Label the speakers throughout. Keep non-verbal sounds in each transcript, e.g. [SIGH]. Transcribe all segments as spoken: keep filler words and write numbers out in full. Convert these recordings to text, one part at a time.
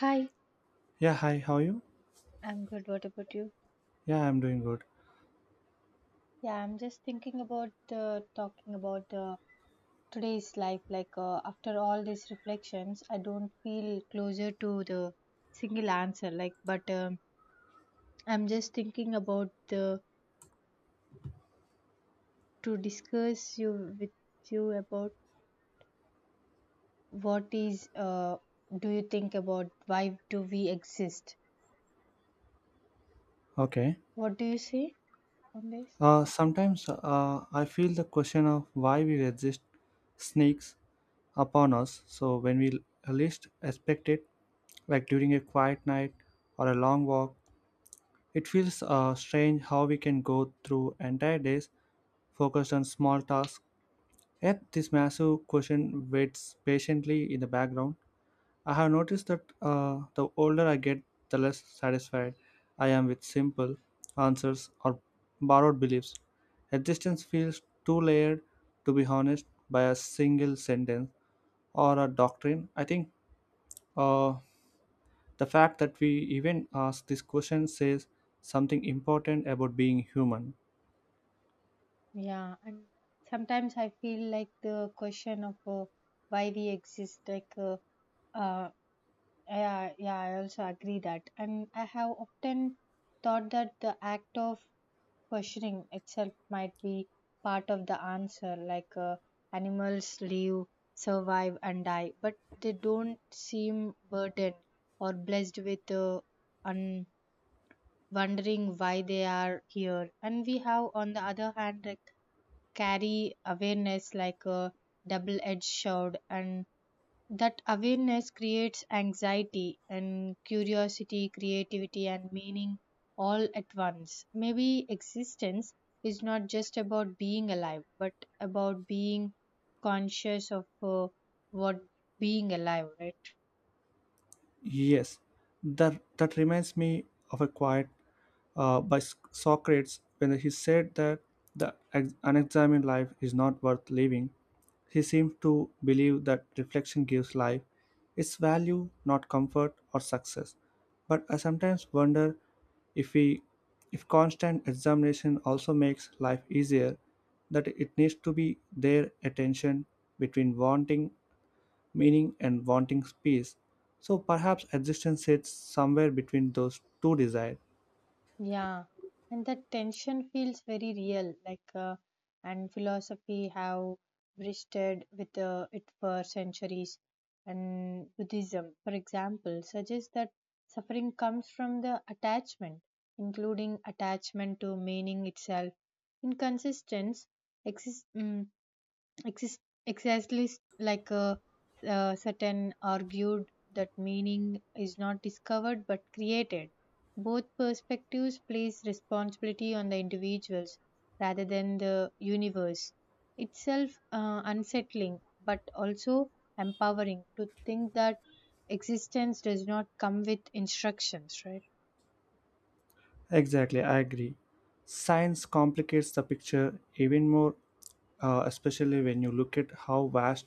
Speaker 1: Hi,
Speaker 2: Yeah, hi, how are you?
Speaker 1: I'm good. What about you?
Speaker 2: Yeah, I'm doing good.
Speaker 1: Yeah, I'm just thinking about uh, talking about uh, today's life. Like, uh, after all these reflections, I don't feel closer to the single answer. Like, but um, I'm just thinking about the to discuss you with you about what is uh, do you think about why do we exist?
Speaker 2: Okay.
Speaker 1: What do you say on this?
Speaker 2: Uh, sometimes uh, I feel the question of why we resist sneaks upon us. So when we least expect it, like during a quiet night or a long walk, it feels uh, strange how we can go through entire days focused on small tasks. Yet this massive question waits patiently in the background. I have noticed that uh, the older I get, the less satisfied I am with simple answers or borrowed beliefs. Existence feels too layered to be honest by a single sentence or a doctrine. I think uh, the fact that we even ask this question says something important about being human.
Speaker 1: Yeah, and sometimes I feel like the question of uh, why we exist, like. Uh, uh, Yeah, yeah, I also agree that. And I have often thought that the act of questioning itself might be part of the answer, like uh, animals live, survive, and die, but they don't seem burdened or blessed with uh, un- wondering why they are here. And we have, on the other hand, like, carry awareness like a double edged sword, and that awareness creates anxiety and curiosity, creativity, and meaning all at once. Maybe existence is not just about being alive, but about being conscious of uh, what being alive, right?
Speaker 2: Yes, that, that reminds me of a quiet uh, by S- Socrates when he said that the ex- unexamined life is not worth living. He seemed to believe that reflection gives life its value, not comfort or success. But I sometimes wonder if we if constant examination also makes life easier, that it needs to be their attention between wanting meaning and wanting peace. So perhaps existence sits somewhere between those two desires.
Speaker 1: Yeah, and that tension feels very real, like uh, and philosophy have wrestled with uh, it for centuries. And Buddhism, for example, suggests that suffering comes from the attachment, including attachment to meaning itself. Inconsistence exist. Mm, Exist- Exactly, like uh, uh, Sutton argued that meaning is not discovered but created. Both perspectives place responsibility on the individuals rather than the universe. Itself uh, unsettling but also empowering to think that existence does not come with instructions, right?
Speaker 2: Exactly, I agree. Science complicates the picture even more, uh, especially when you look at how vast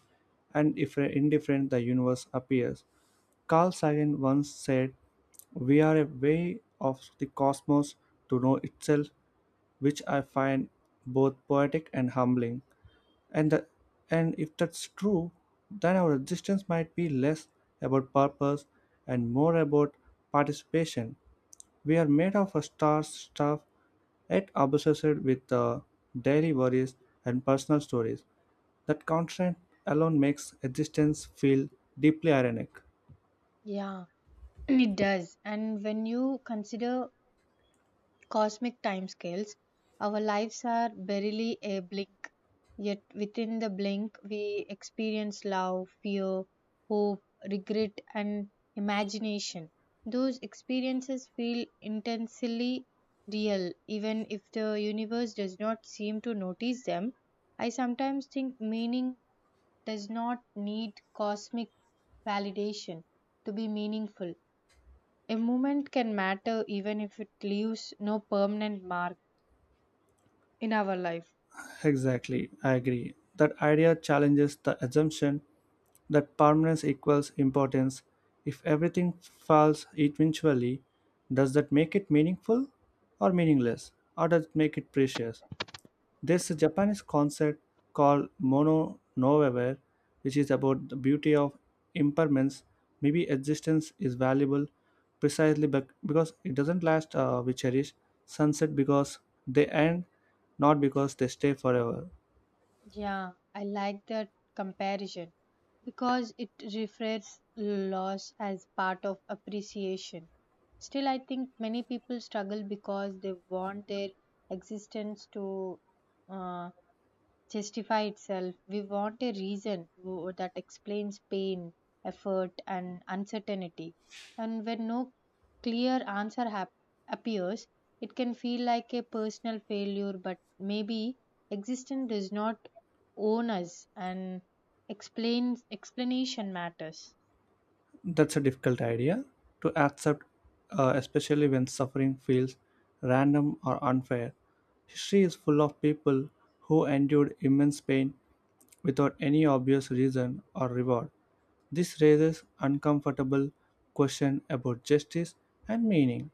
Speaker 2: and if indifferent the universe appears. Carl Sagan once said, "We are a way of the cosmos to know itself," which I find both poetic and humbling. And, the, and if that's true, then our existence might be less about purpose and more about participation. We are made of a star stuff, yet obsessed with the daily worries and personal stories. That constant alone makes existence feel deeply ironic.
Speaker 1: Yeah, [CLEARS THROAT] it does. And when you consider cosmic timescales, our lives are barely a blink, yet within the blink, we experience love, fear, hope, regret, and imagination. Those experiences feel intensely real, even if the universe does not seem to notice them. I sometimes think meaning does not need cosmic validation to be meaningful. A moment can matter even if it leaves no permanent mark in our life.
Speaker 2: Exactly, I agree. That idea challenges the assumption that permanence equals importance. If everything falls eventually, does that make it meaningful or meaningless? Or does it make it precious? There's a Japanese concept called mono noaware, which is about the beauty of impermanence. Maybe existence is valuable precisely bec- because it doesn't last. Uh, we cherish sunset because they end, not because they stay forever.
Speaker 1: Yeah, I like that comparison because it reframes loss as part of appreciation. Still, I think many people struggle because they want their existence to uh, justify itself. We want a reason wo- that explains pain, effort, and uncertainty. And when no clear answer hap- appears, it can feel like a personal failure, but maybe existence does not own us and explains explanation matters.
Speaker 2: That's a difficult idea to accept, uh, especially when suffering feels random or unfair. History is full of people who endured immense pain without any obvious reason or reward. This raises uncomfortable questions about justice and meaning.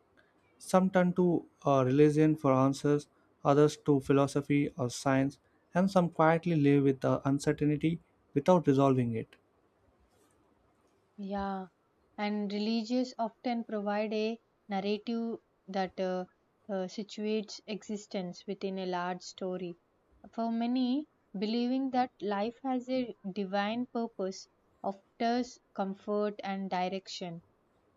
Speaker 2: Some turn to uh, religion for answers, others to philosophy or science, and some quietly live with the uncertainty without resolving it.
Speaker 1: Yeah, and religious often provide a narrative that uh, uh, situates existence within a large story. For many, believing that life has a divine purpose offers comfort and direction.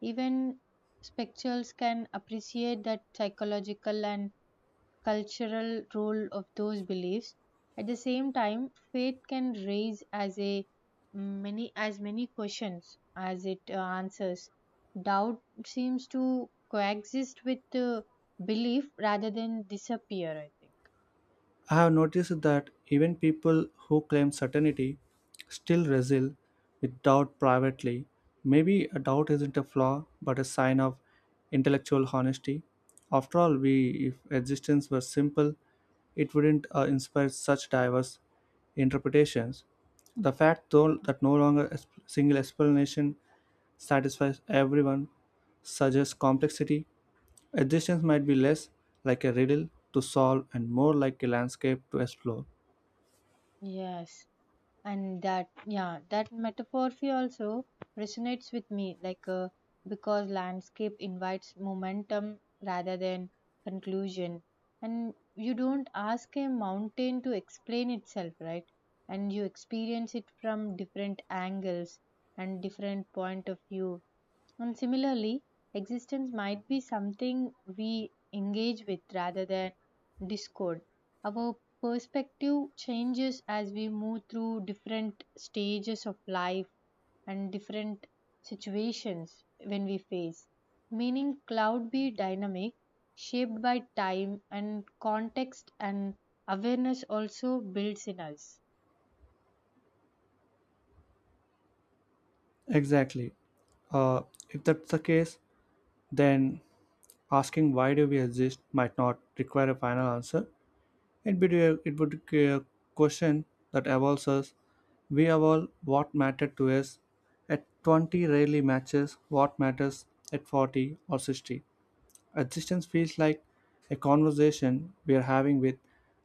Speaker 1: Even spectacles can appreciate that psychological and cultural role of those beliefs. At the same time, faith can raise as a many as many questions as it uh, answers. Doubt seems to coexist with uh, belief rather than disappear, I think.
Speaker 2: I have noticed that even people who claim certainty still wrestle with doubt privately. Maybe a doubt isn't a flaw, but a sign of intellectual honesty. After all, we, if existence were simple, it wouldn't uh, inspire such diverse interpretations. The fact, though, that no longer a sp- single explanation satisfies everyone suggests complexity. Existence might be less like a riddle to solve and more like a landscape to explore.
Speaker 1: Yes, and that yeah that metaphorphy also resonates with me, like uh, because landscape invites momentum rather than conclusion, and you don't ask a mountain to explain itself, right? And you experience it from different angles and different point of view, and similarly, existence might be something we engage with rather than discord. Our perspective changes as we move through different stages of life and different situations when we face. Meaning, cloud be dynamic, shaped by time and context, and awareness also builds in us.
Speaker 2: Exactly. Uh, if that's the case, then asking why do we exist might not require a final answer. It would be a, it would be a question that evolves us. We evolve what mattered to us at twenty rarely matches what matters at forty or sixty. Existence feels like a conversation we are having with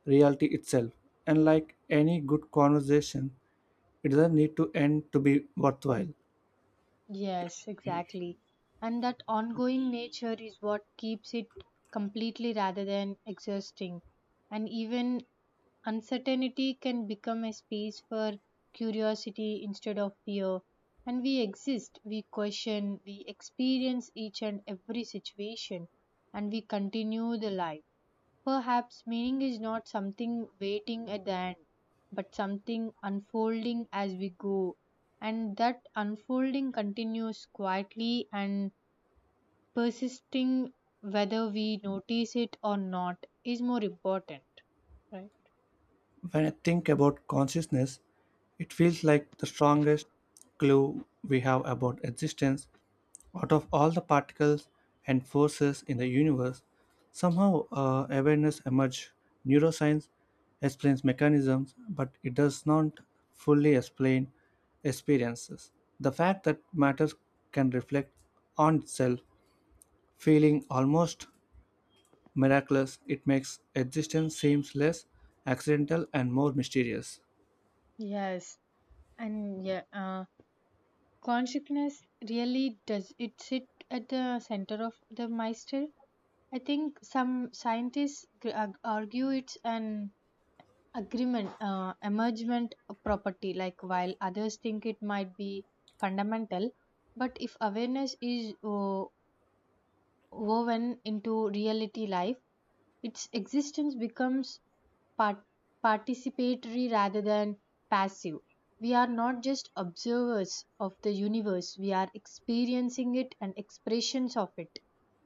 Speaker 2: reality itself, and like any good conversation, it doesn't need to end to be worthwhile.
Speaker 1: Yes, exactly. And that ongoing nature is what keeps it completely rather than exhausting. And even uncertainty can become a space for curiosity instead of fear. And we exist, we question, we experience each and every situation, and we continue the life. Perhaps meaning is not something waiting at the end, but something unfolding as we go, and that unfolding continues quietly and persisting whether we notice it or not is more important, right?
Speaker 2: When I think about consciousness, it feels like the strongest clue we have about existence out of all the particles and forces in the universe. Somehow, uh, awareness emerged. Neuroscience explains mechanisms, but it does not fully explain experiences. The fact that matter can reflect on itself, feeling almost miraculous, it makes existence seems less accidental and more mysterious.
Speaker 1: Yes, and yeah, uh, consciousness really does it sit at the center of the Meister? I think some scientists gr- argue it's an agreement uh, emergent property, like while others think it might be fundamental, but if awareness is uh, woven into reality life, its existence becomes part- participatory rather than passive. We are not just observers of the universe, we are experiencing it and expressions of it,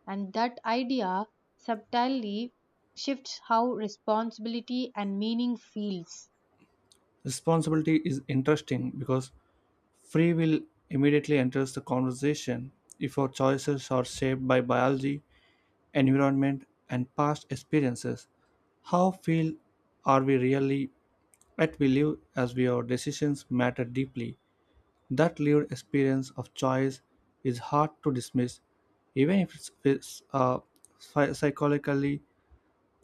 Speaker 1: and that idea subtly shifts how responsibility and meaning feels.
Speaker 2: Responsibility is interesting because free will immediately enters the conversation if our choices are shaped by biology, environment, and past experiences. How feel are we really at we live as we our decisions matter deeply. That lived experience of choice is hard to dismiss, even if it's, it's, uh, psy- psychologically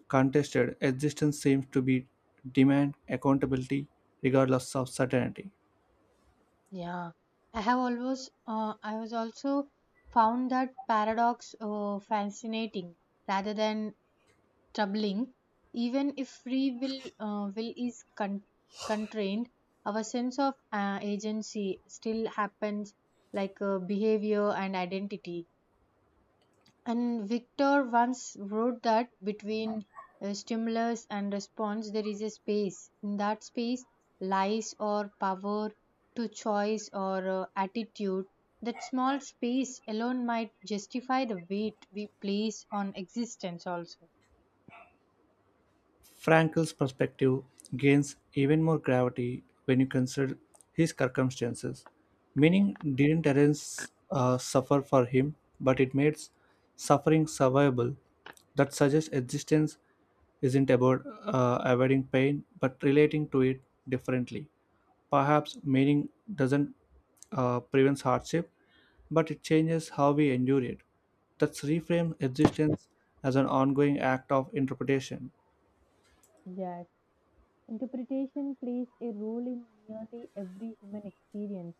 Speaker 2: contested existence seems to be demand accountability regardless of certainty.
Speaker 1: Yeah, I have always, uh, I was also found that paradox uh, fascinating rather than troubling. Even if free will, uh, will is con- constrained, our sense of uh, agency still happens like uh, behavior and identity. And Victor once wrote that between uh, stimulus and response, there is a space. In that space lies or power to choice or uh, attitude. That small space alone might justify the weight we place on existence, also.
Speaker 2: Frankl's perspective gains even more gravity when you consider his circumstances. Meaning didn't arrange uh, suffer for him, but it makes suffering survivable. That suggests existence isn't about uh, avoiding pain, but relating to it differently. Perhaps meaning doesn't uh, prevent hardship, but it changes how we endure it. That's reframe existence as an ongoing act of interpretation.
Speaker 1: Yeah, interpretation plays a role in nearly every human experience.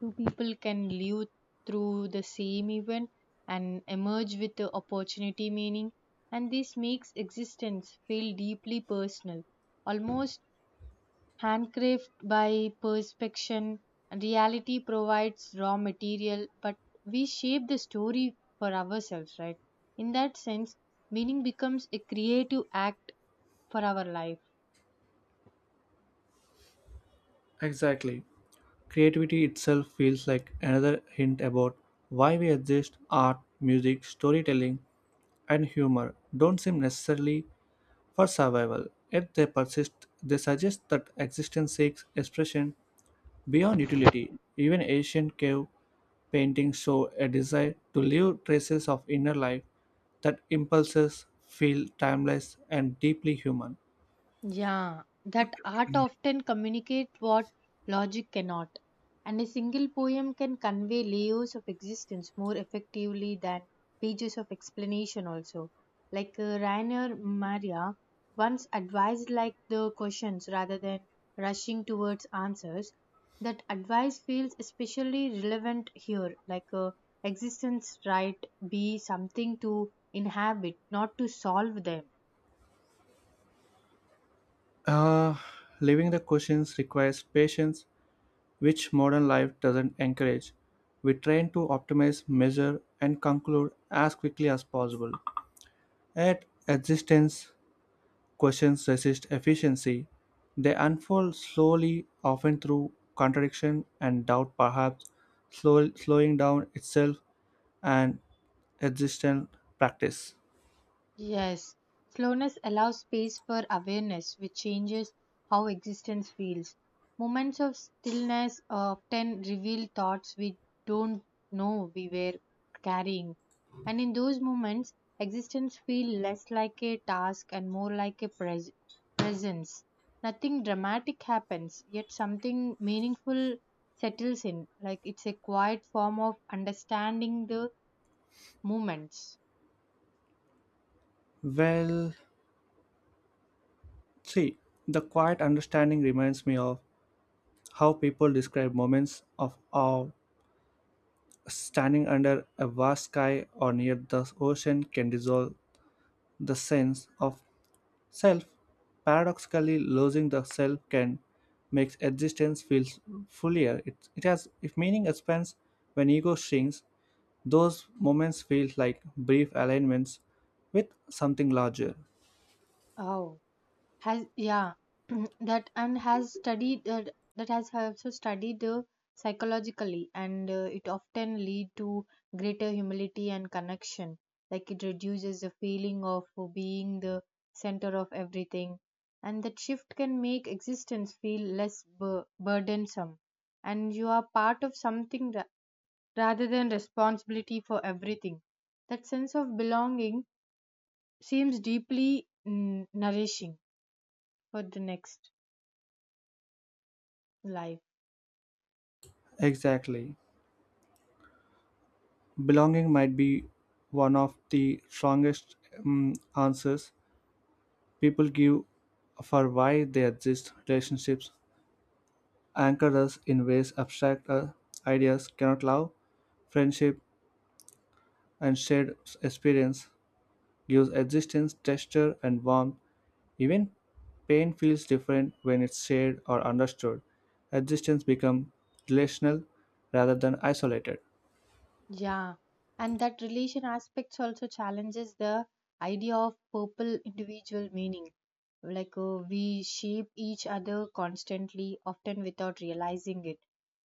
Speaker 1: Two people can live through the same event and emerge with the opportunity meaning, and this makes existence feel deeply personal, almost handcrafted by perspection. Reality provides raw material, but we shape the story for ourselves, right? In that sense, meaning becomes a creative act for our life.
Speaker 2: Exactly. Creativity itself feels like another hint about why we exist. Art, music, storytelling, and humor don't seem necessarily for survival, yet they persist. They suggest that existence seeks expression beyond utility. Even ancient cave paintings show a desire to leave traces of inner life that impulses feel timeless and deeply human.
Speaker 1: Yeah, that art often communicate what logic cannot, and a single poem can convey layers of existence more effectively than pages of explanation also. Like uh, Rainer Maria once advised like the questions rather than rushing towards answers. That advice feels especially relevant here, like uh, existence right be something to inhabit, not to solve them.
Speaker 2: Uh, living the questions requires patience which modern life doesn't encourage. We train to optimize, measure, and conclude as quickly as possible. At existence, questions resist efficiency. They unfold slowly, often through contradiction and doubt, perhaps slow, slowing down itself and existential practice.
Speaker 1: Yes, slowness allows space for awareness, which changes how existence feels. Moments of stillness often reveal thoughts we don't know we were carrying. And in those moments, existence feels less like a task and more like a pres- presence. Nothing dramatic happens, yet something meaningful settles in. Like it's a quiet form of understanding the moments.
Speaker 2: Well, see, the quiet understanding reminds me of how people describe moments of awe standing under a vast sky or near the ocean can dissolve the sense of self. Paradoxically, losing the self can make existence feel fuller. It, it has if meaning expands when ego shrinks, those moments feel like brief alignments with something larger.
Speaker 1: Oh, has yeah [CLEARS THROAT] that and has studied that that has also studied the psychologically, and uh, it often lead to greater humility and connection, like it reduces the feeling of being the center of everything, and that shift can make existence feel less bur- burdensome, and you are part of something ra- rather than responsibility for everything. That sense of belonging seems deeply mm, nourishing for the next life.
Speaker 2: Exactly. Belonging might be one of the strongest um, answers people give for why they exist relationships anchor us in ways abstract uh, ideas cannot love. Friendship and shared experience gives existence texture and warmth. Even pain feels different when it's shared or understood. Existence becomes relational rather than isolated.
Speaker 1: Yeah. And that relation aspects also challenges the idea of purple individual meaning. Like uh, we shape each other constantly, often without realizing it.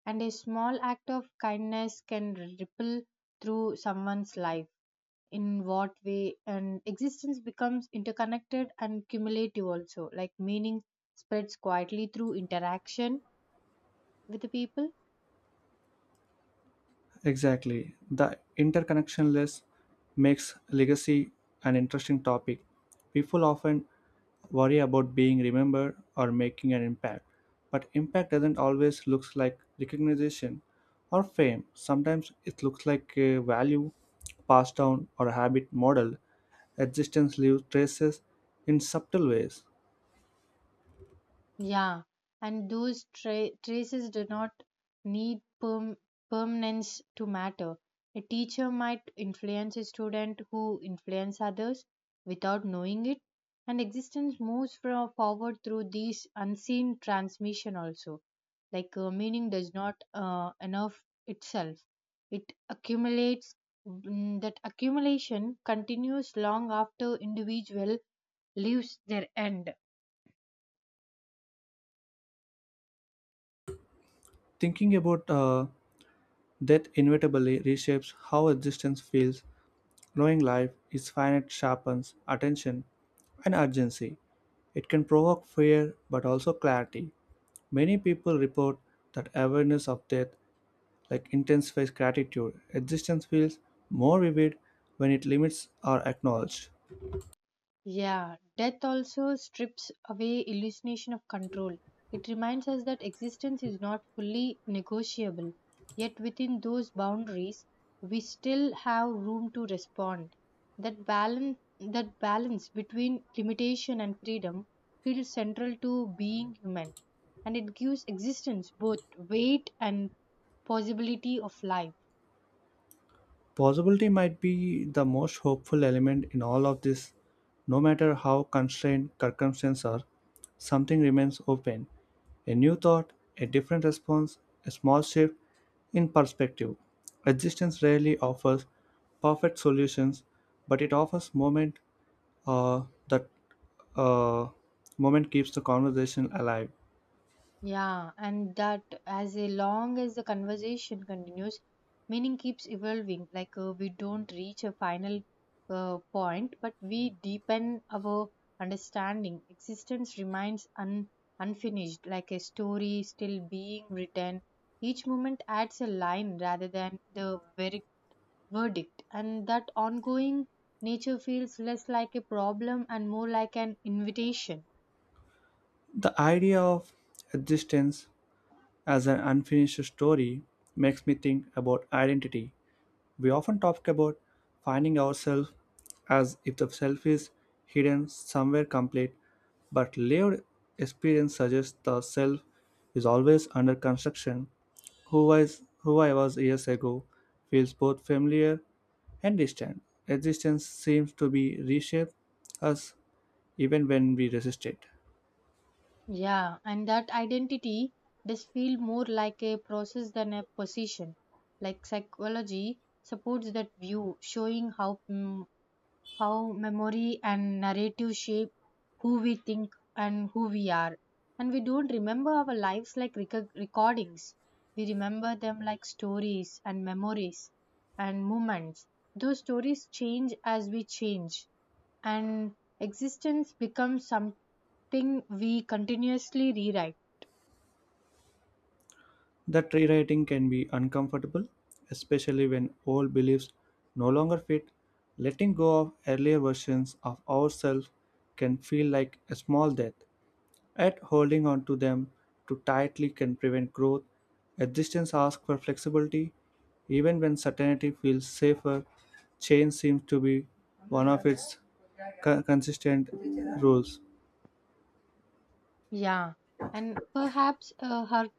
Speaker 1: And a small act of kindness can ripple through someone's life. In what way? And existence becomes interconnected and cumulative also. Like meaning spreads quietly through interaction with the people.
Speaker 2: Exactly. The interconnection list makes legacy an interesting topic. People often worry about being remembered or making an impact, but impact doesn't always look like recognition or fame. Sometimes it looks like a value passed down or a habit model. Existence leaves traces in subtle ways.
Speaker 1: Yeah, and those tra- traces do not need perm- permanence to matter. A teacher might influence a student who influence others without knowing it, and existence moves from forward through these unseen transmission also. Like uh, meaning does not uh, enough itself; it accumulates. Mm, that accumulation continues long after individual leaves their end.
Speaker 2: Thinking about uh, that inevitably reshapes how existence feels. Knowing life is finite sharpens attention and urgency. It can provoke fear but also clarity. Many people report that awareness of death, like intensifies gratitude, existence feels more vivid when it limits are acknowledged.
Speaker 1: Yeah, death also strips away hallucination of control. It reminds us that existence is not fully negotiable, yet within those boundaries, we still have room to respond. That balance, that balance between limitation and freedom feels central to being human, and it gives existence both weight and possibility of life.
Speaker 2: Possibility might be the most hopeful element in all of this. No matter how constrained circumstances are, something remains open. A new thought, a different response, a small shift in perspective. Existence rarely offers perfect solutions, but it offers moment uh, that uh, moment keeps the conversation alive.
Speaker 1: Yeah, and that as a long as the conversation continues, meaning keeps evolving. Like uh, we don't reach a final uh, point, but we deepen our understanding. Existence remains un- unfinished, like a story still being written. Each moment adds a line rather than the very verdict, and that ongoing nature feels less like a problem and more like an invitation.
Speaker 2: The idea of existence as an unfinished story makes me think about identity. We often talk about finding ourselves as if the self is hidden somewhere complete, but lived experience suggests the self is always under construction. Who, was, who I was years ago feels both familiar and distant. Existence seems to be reshaped us even when we resist it.
Speaker 1: Yeah, and that identity does feel more like a process than a position. Like psychology supports that view, showing how mm, how memory and narrative shape who we think and who we are. And we don't remember our lives like reco- recordings. We remember them like stories and memories and moments. Those stories change as we change, and existence becomes something we continuously rewrite.
Speaker 2: That rewriting can be uncomfortable, especially when old beliefs no longer fit. Letting go of earlier versions of ourselves can feel like a small death, yet holding on to them too tightly can prevent growth. Existence asks for flexibility, even when certainty feels safer. Change seems to be one of its co- consistent rules.
Speaker 1: Yeah, and perhaps uh, her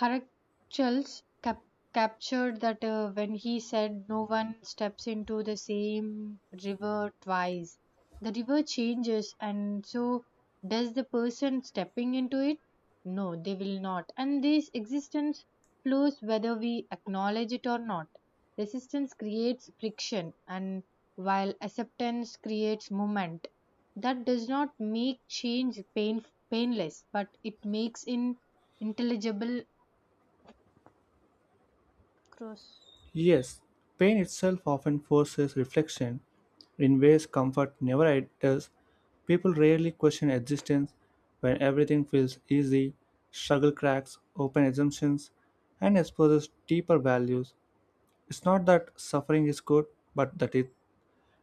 Speaker 1: Heracles cap- captured that uh, when he said, no one steps into the same river twice. The river changes, and so does the person stepping into it? No, they will not. And this existence flows whether we acknowledge it or not. Resistance creates friction, and while acceptance creates movement, that does not make change pain- painless, but it makes it intelligible cross.
Speaker 2: Yes, pain itself often forces reflection in ways comfort never i- does. People rarely question existence when everything feels easy, struggle cracks open assumptions, and exposes deeper values. It's not that suffering is good, but that it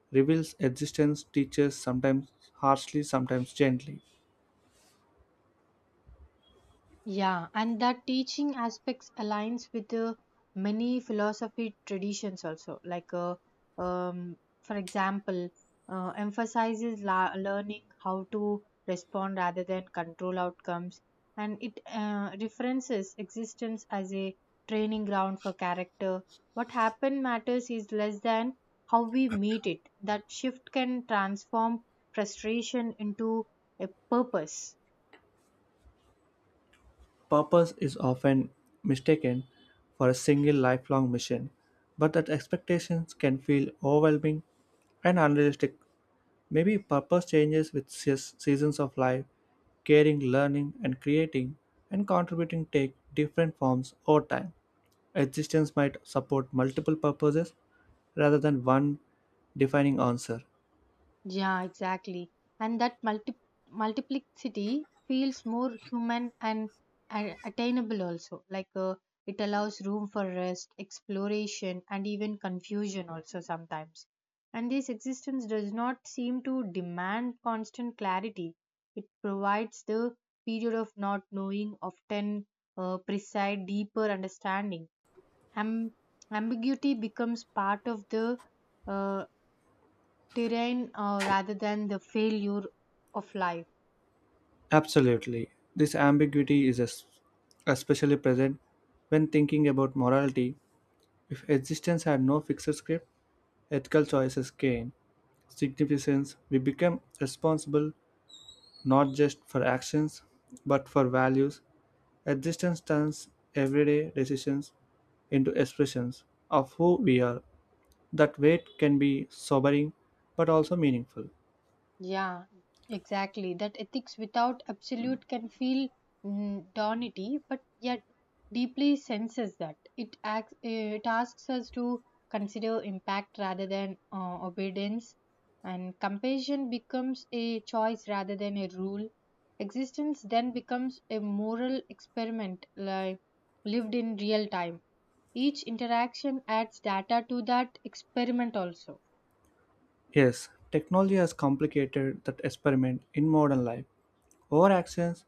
Speaker 2: reveals existence, teaches sometimes harshly, sometimes gently.
Speaker 1: Yeah, and that teaching aspects aligns with uh, many philosophy traditions also. Like, uh, um, for example, uh, emphasizes la- learning how to respond rather than control outcomes, and it uh, references existence as a training ground for character. What happened matters is less than how we meet it. That shift can transform frustration into a purpose.
Speaker 2: Purpose is often mistaken for a single lifelong mission, but that expectations can feel overwhelming and unrealistic. Maybe purpose changes with seas- seasons of life, caring, learning, and creating, and contributing take different forms over time. Existence might support multiple purposes rather than one defining answer.
Speaker 1: Yeah, exactly. And that multi- multiplicity feels more human and, and attainable also. Like uh, it allows room for rest, exploration, and even confusion also sometimes. And this existence does not seem to demand constant clarity. It provides the period of not knowing, often uh, precise, deeper understanding. Am- Ambiguity becomes part of the uh, terrain uh, rather than the failure of life.
Speaker 2: Absolutely. This ambiguity is es- especially present when thinking about morality. If existence had no fixed script, ethical choices gain significance. We become responsible not just for actions but for values. Existence turns everyday decisions into expressions of who we are. That weight can be sobering but also meaningful.
Speaker 1: Yeah, exactly. That ethics without absolute can feel mm, daunty, but yet deeply senses that it acts, eh, it asks us to consider impact rather than uh, obedience, and compassion becomes a choice rather than a rule. Existence then becomes a moral experiment, like lived in real time. Each interaction adds data to that experiment also.
Speaker 2: Yes, technology has complicated that experiment in modern life. Our actions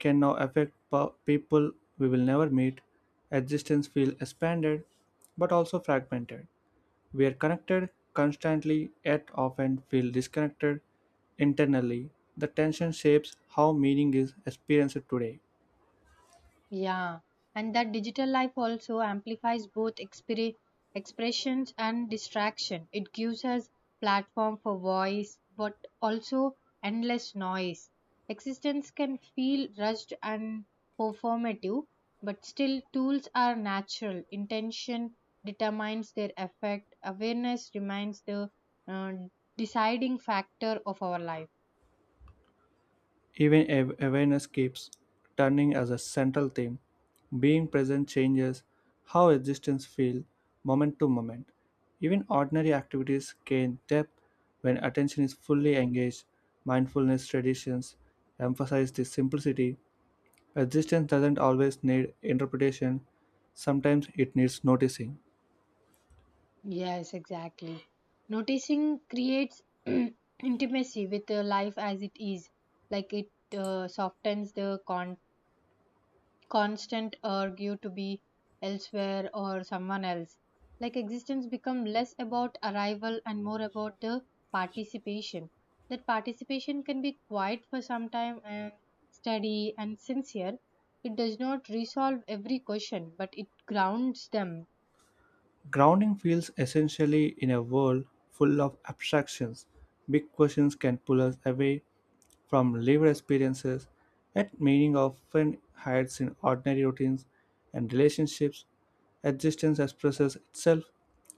Speaker 2: can now affect po- people we will never meet. Existence feels expanded but also fragmented. We are connected constantly yet often feel disconnected internally. The tension shapes how meaning is experienced today.
Speaker 1: Yeah, and that digital life also amplifies both expre- expressions and distraction. It gives us platform for voice, but also endless noise. Existence can feel rushed and performative, but still tools are natural. Intention determines their effect. Awareness remains the uh, deciding factor of our life.
Speaker 2: Even av- awareness keeps turning as a central theme. Being present changes how existence feels moment to moment. Even ordinary activities gain depth when attention is fully engaged. Mindfulness traditions emphasize this simplicity. Existence doesn't always need interpretation, sometimes it needs noticing.
Speaker 1: Yes, exactly. Noticing creates [CLEARS THROAT] intimacy with uh, life as it is. Like it uh, softens the con- constant urge to be elsewhere or someone else. Like existence become less about arrival and more about the participation. That participation can be quiet for some time and steady and sincere. It does not resolve every question, but it grounds them.
Speaker 2: Grounding feels essentially in a world full of abstractions. Big questions can pull us away from lived experiences, yet meaning often hides in ordinary routines and relationships. Existence expresses itself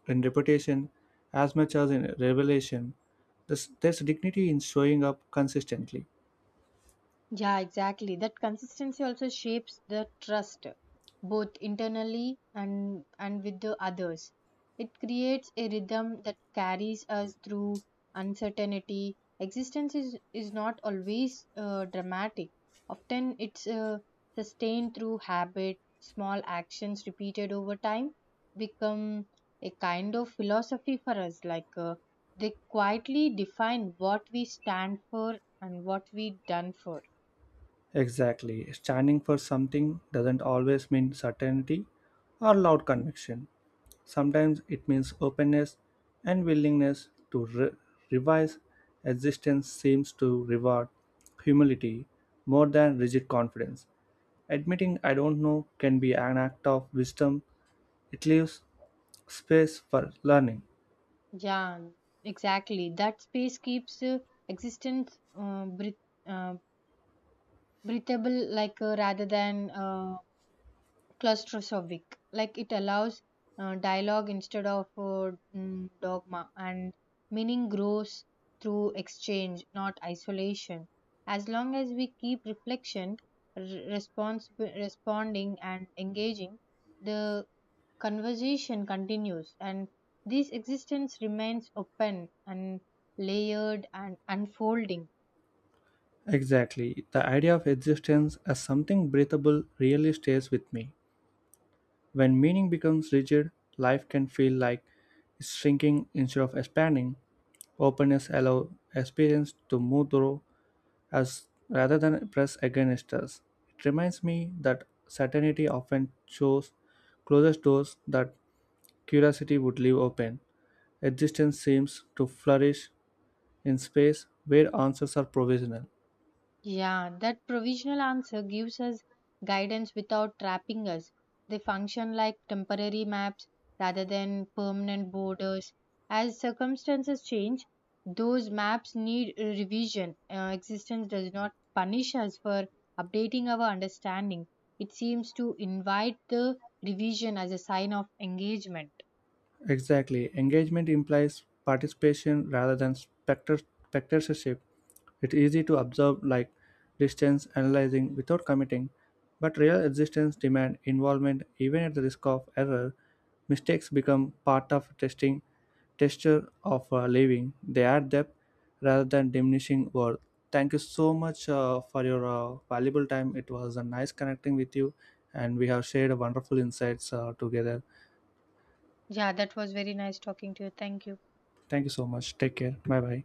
Speaker 2: in repetition as much as in revelation. There's, there's dignity in showing up consistently.
Speaker 1: Yeah, exactly. That consistency also shapes the trust, both internally and and with the others. It creates a rhythm that carries us through uncertainty. Existence is, is not always uh, dramatic. Often it's uh, sustained through habit, small actions repeated over time become a kind of philosophy for us. Like uh, they quietly define what we stand for and what we done for.
Speaker 2: Exactly. Standing for something doesn't always mean certainty or loud conviction. Sometimes it means openness and willingness to re- revise. Existence seems to reward humility more than rigid confidence. Admitting I don't know can be an act of wisdom, it leaves space for learning.
Speaker 1: Yeah, exactly. That space keeps uh, existence uh, breath- uh, breathable, like uh, rather than uh, claustrophobic. Like it allows uh, dialogue instead of uh, mm, dogma, and meaning grows through exchange, not isolation. As long as we keep reflection, r- response, responding, and engaging, the conversation continues, and this existence remains open and layered and unfolding.
Speaker 2: Exactly. The idea of existence as something breathable really stays with me. When meaning becomes rigid, life can feel like it's shrinking instead of expanding. Openness allows experience to move through us rather than press against us. It reminds me that certainty often shows closes doors that curiosity would leave open. Existence seems to flourish in space where answers are provisional.
Speaker 1: Yeah, that provisional answer gives us guidance without trapping us. They function like temporary maps rather than permanent borders. As circumstances change, those maps need a revision. Uh, existence does not punish us for updating our understanding, it seems to invite the revision as a sign of engagement.
Speaker 2: Exactly. Engagement implies participation rather than spector- spectatorship. It's easy to observe, like distance, analyzing without committing, but real existence demand involvement even at the risk of error. Mistakes become part of testing texture of uh, living. They add depth rather than diminishing worth. Thank you so much uh, for your uh, valuable time. It was a nice connecting with you, and we have shared wonderful insights uh, together.
Speaker 1: Yeah, that was very nice talking to you. Thank you.
Speaker 2: Thank you so much. Take care. Bye bye.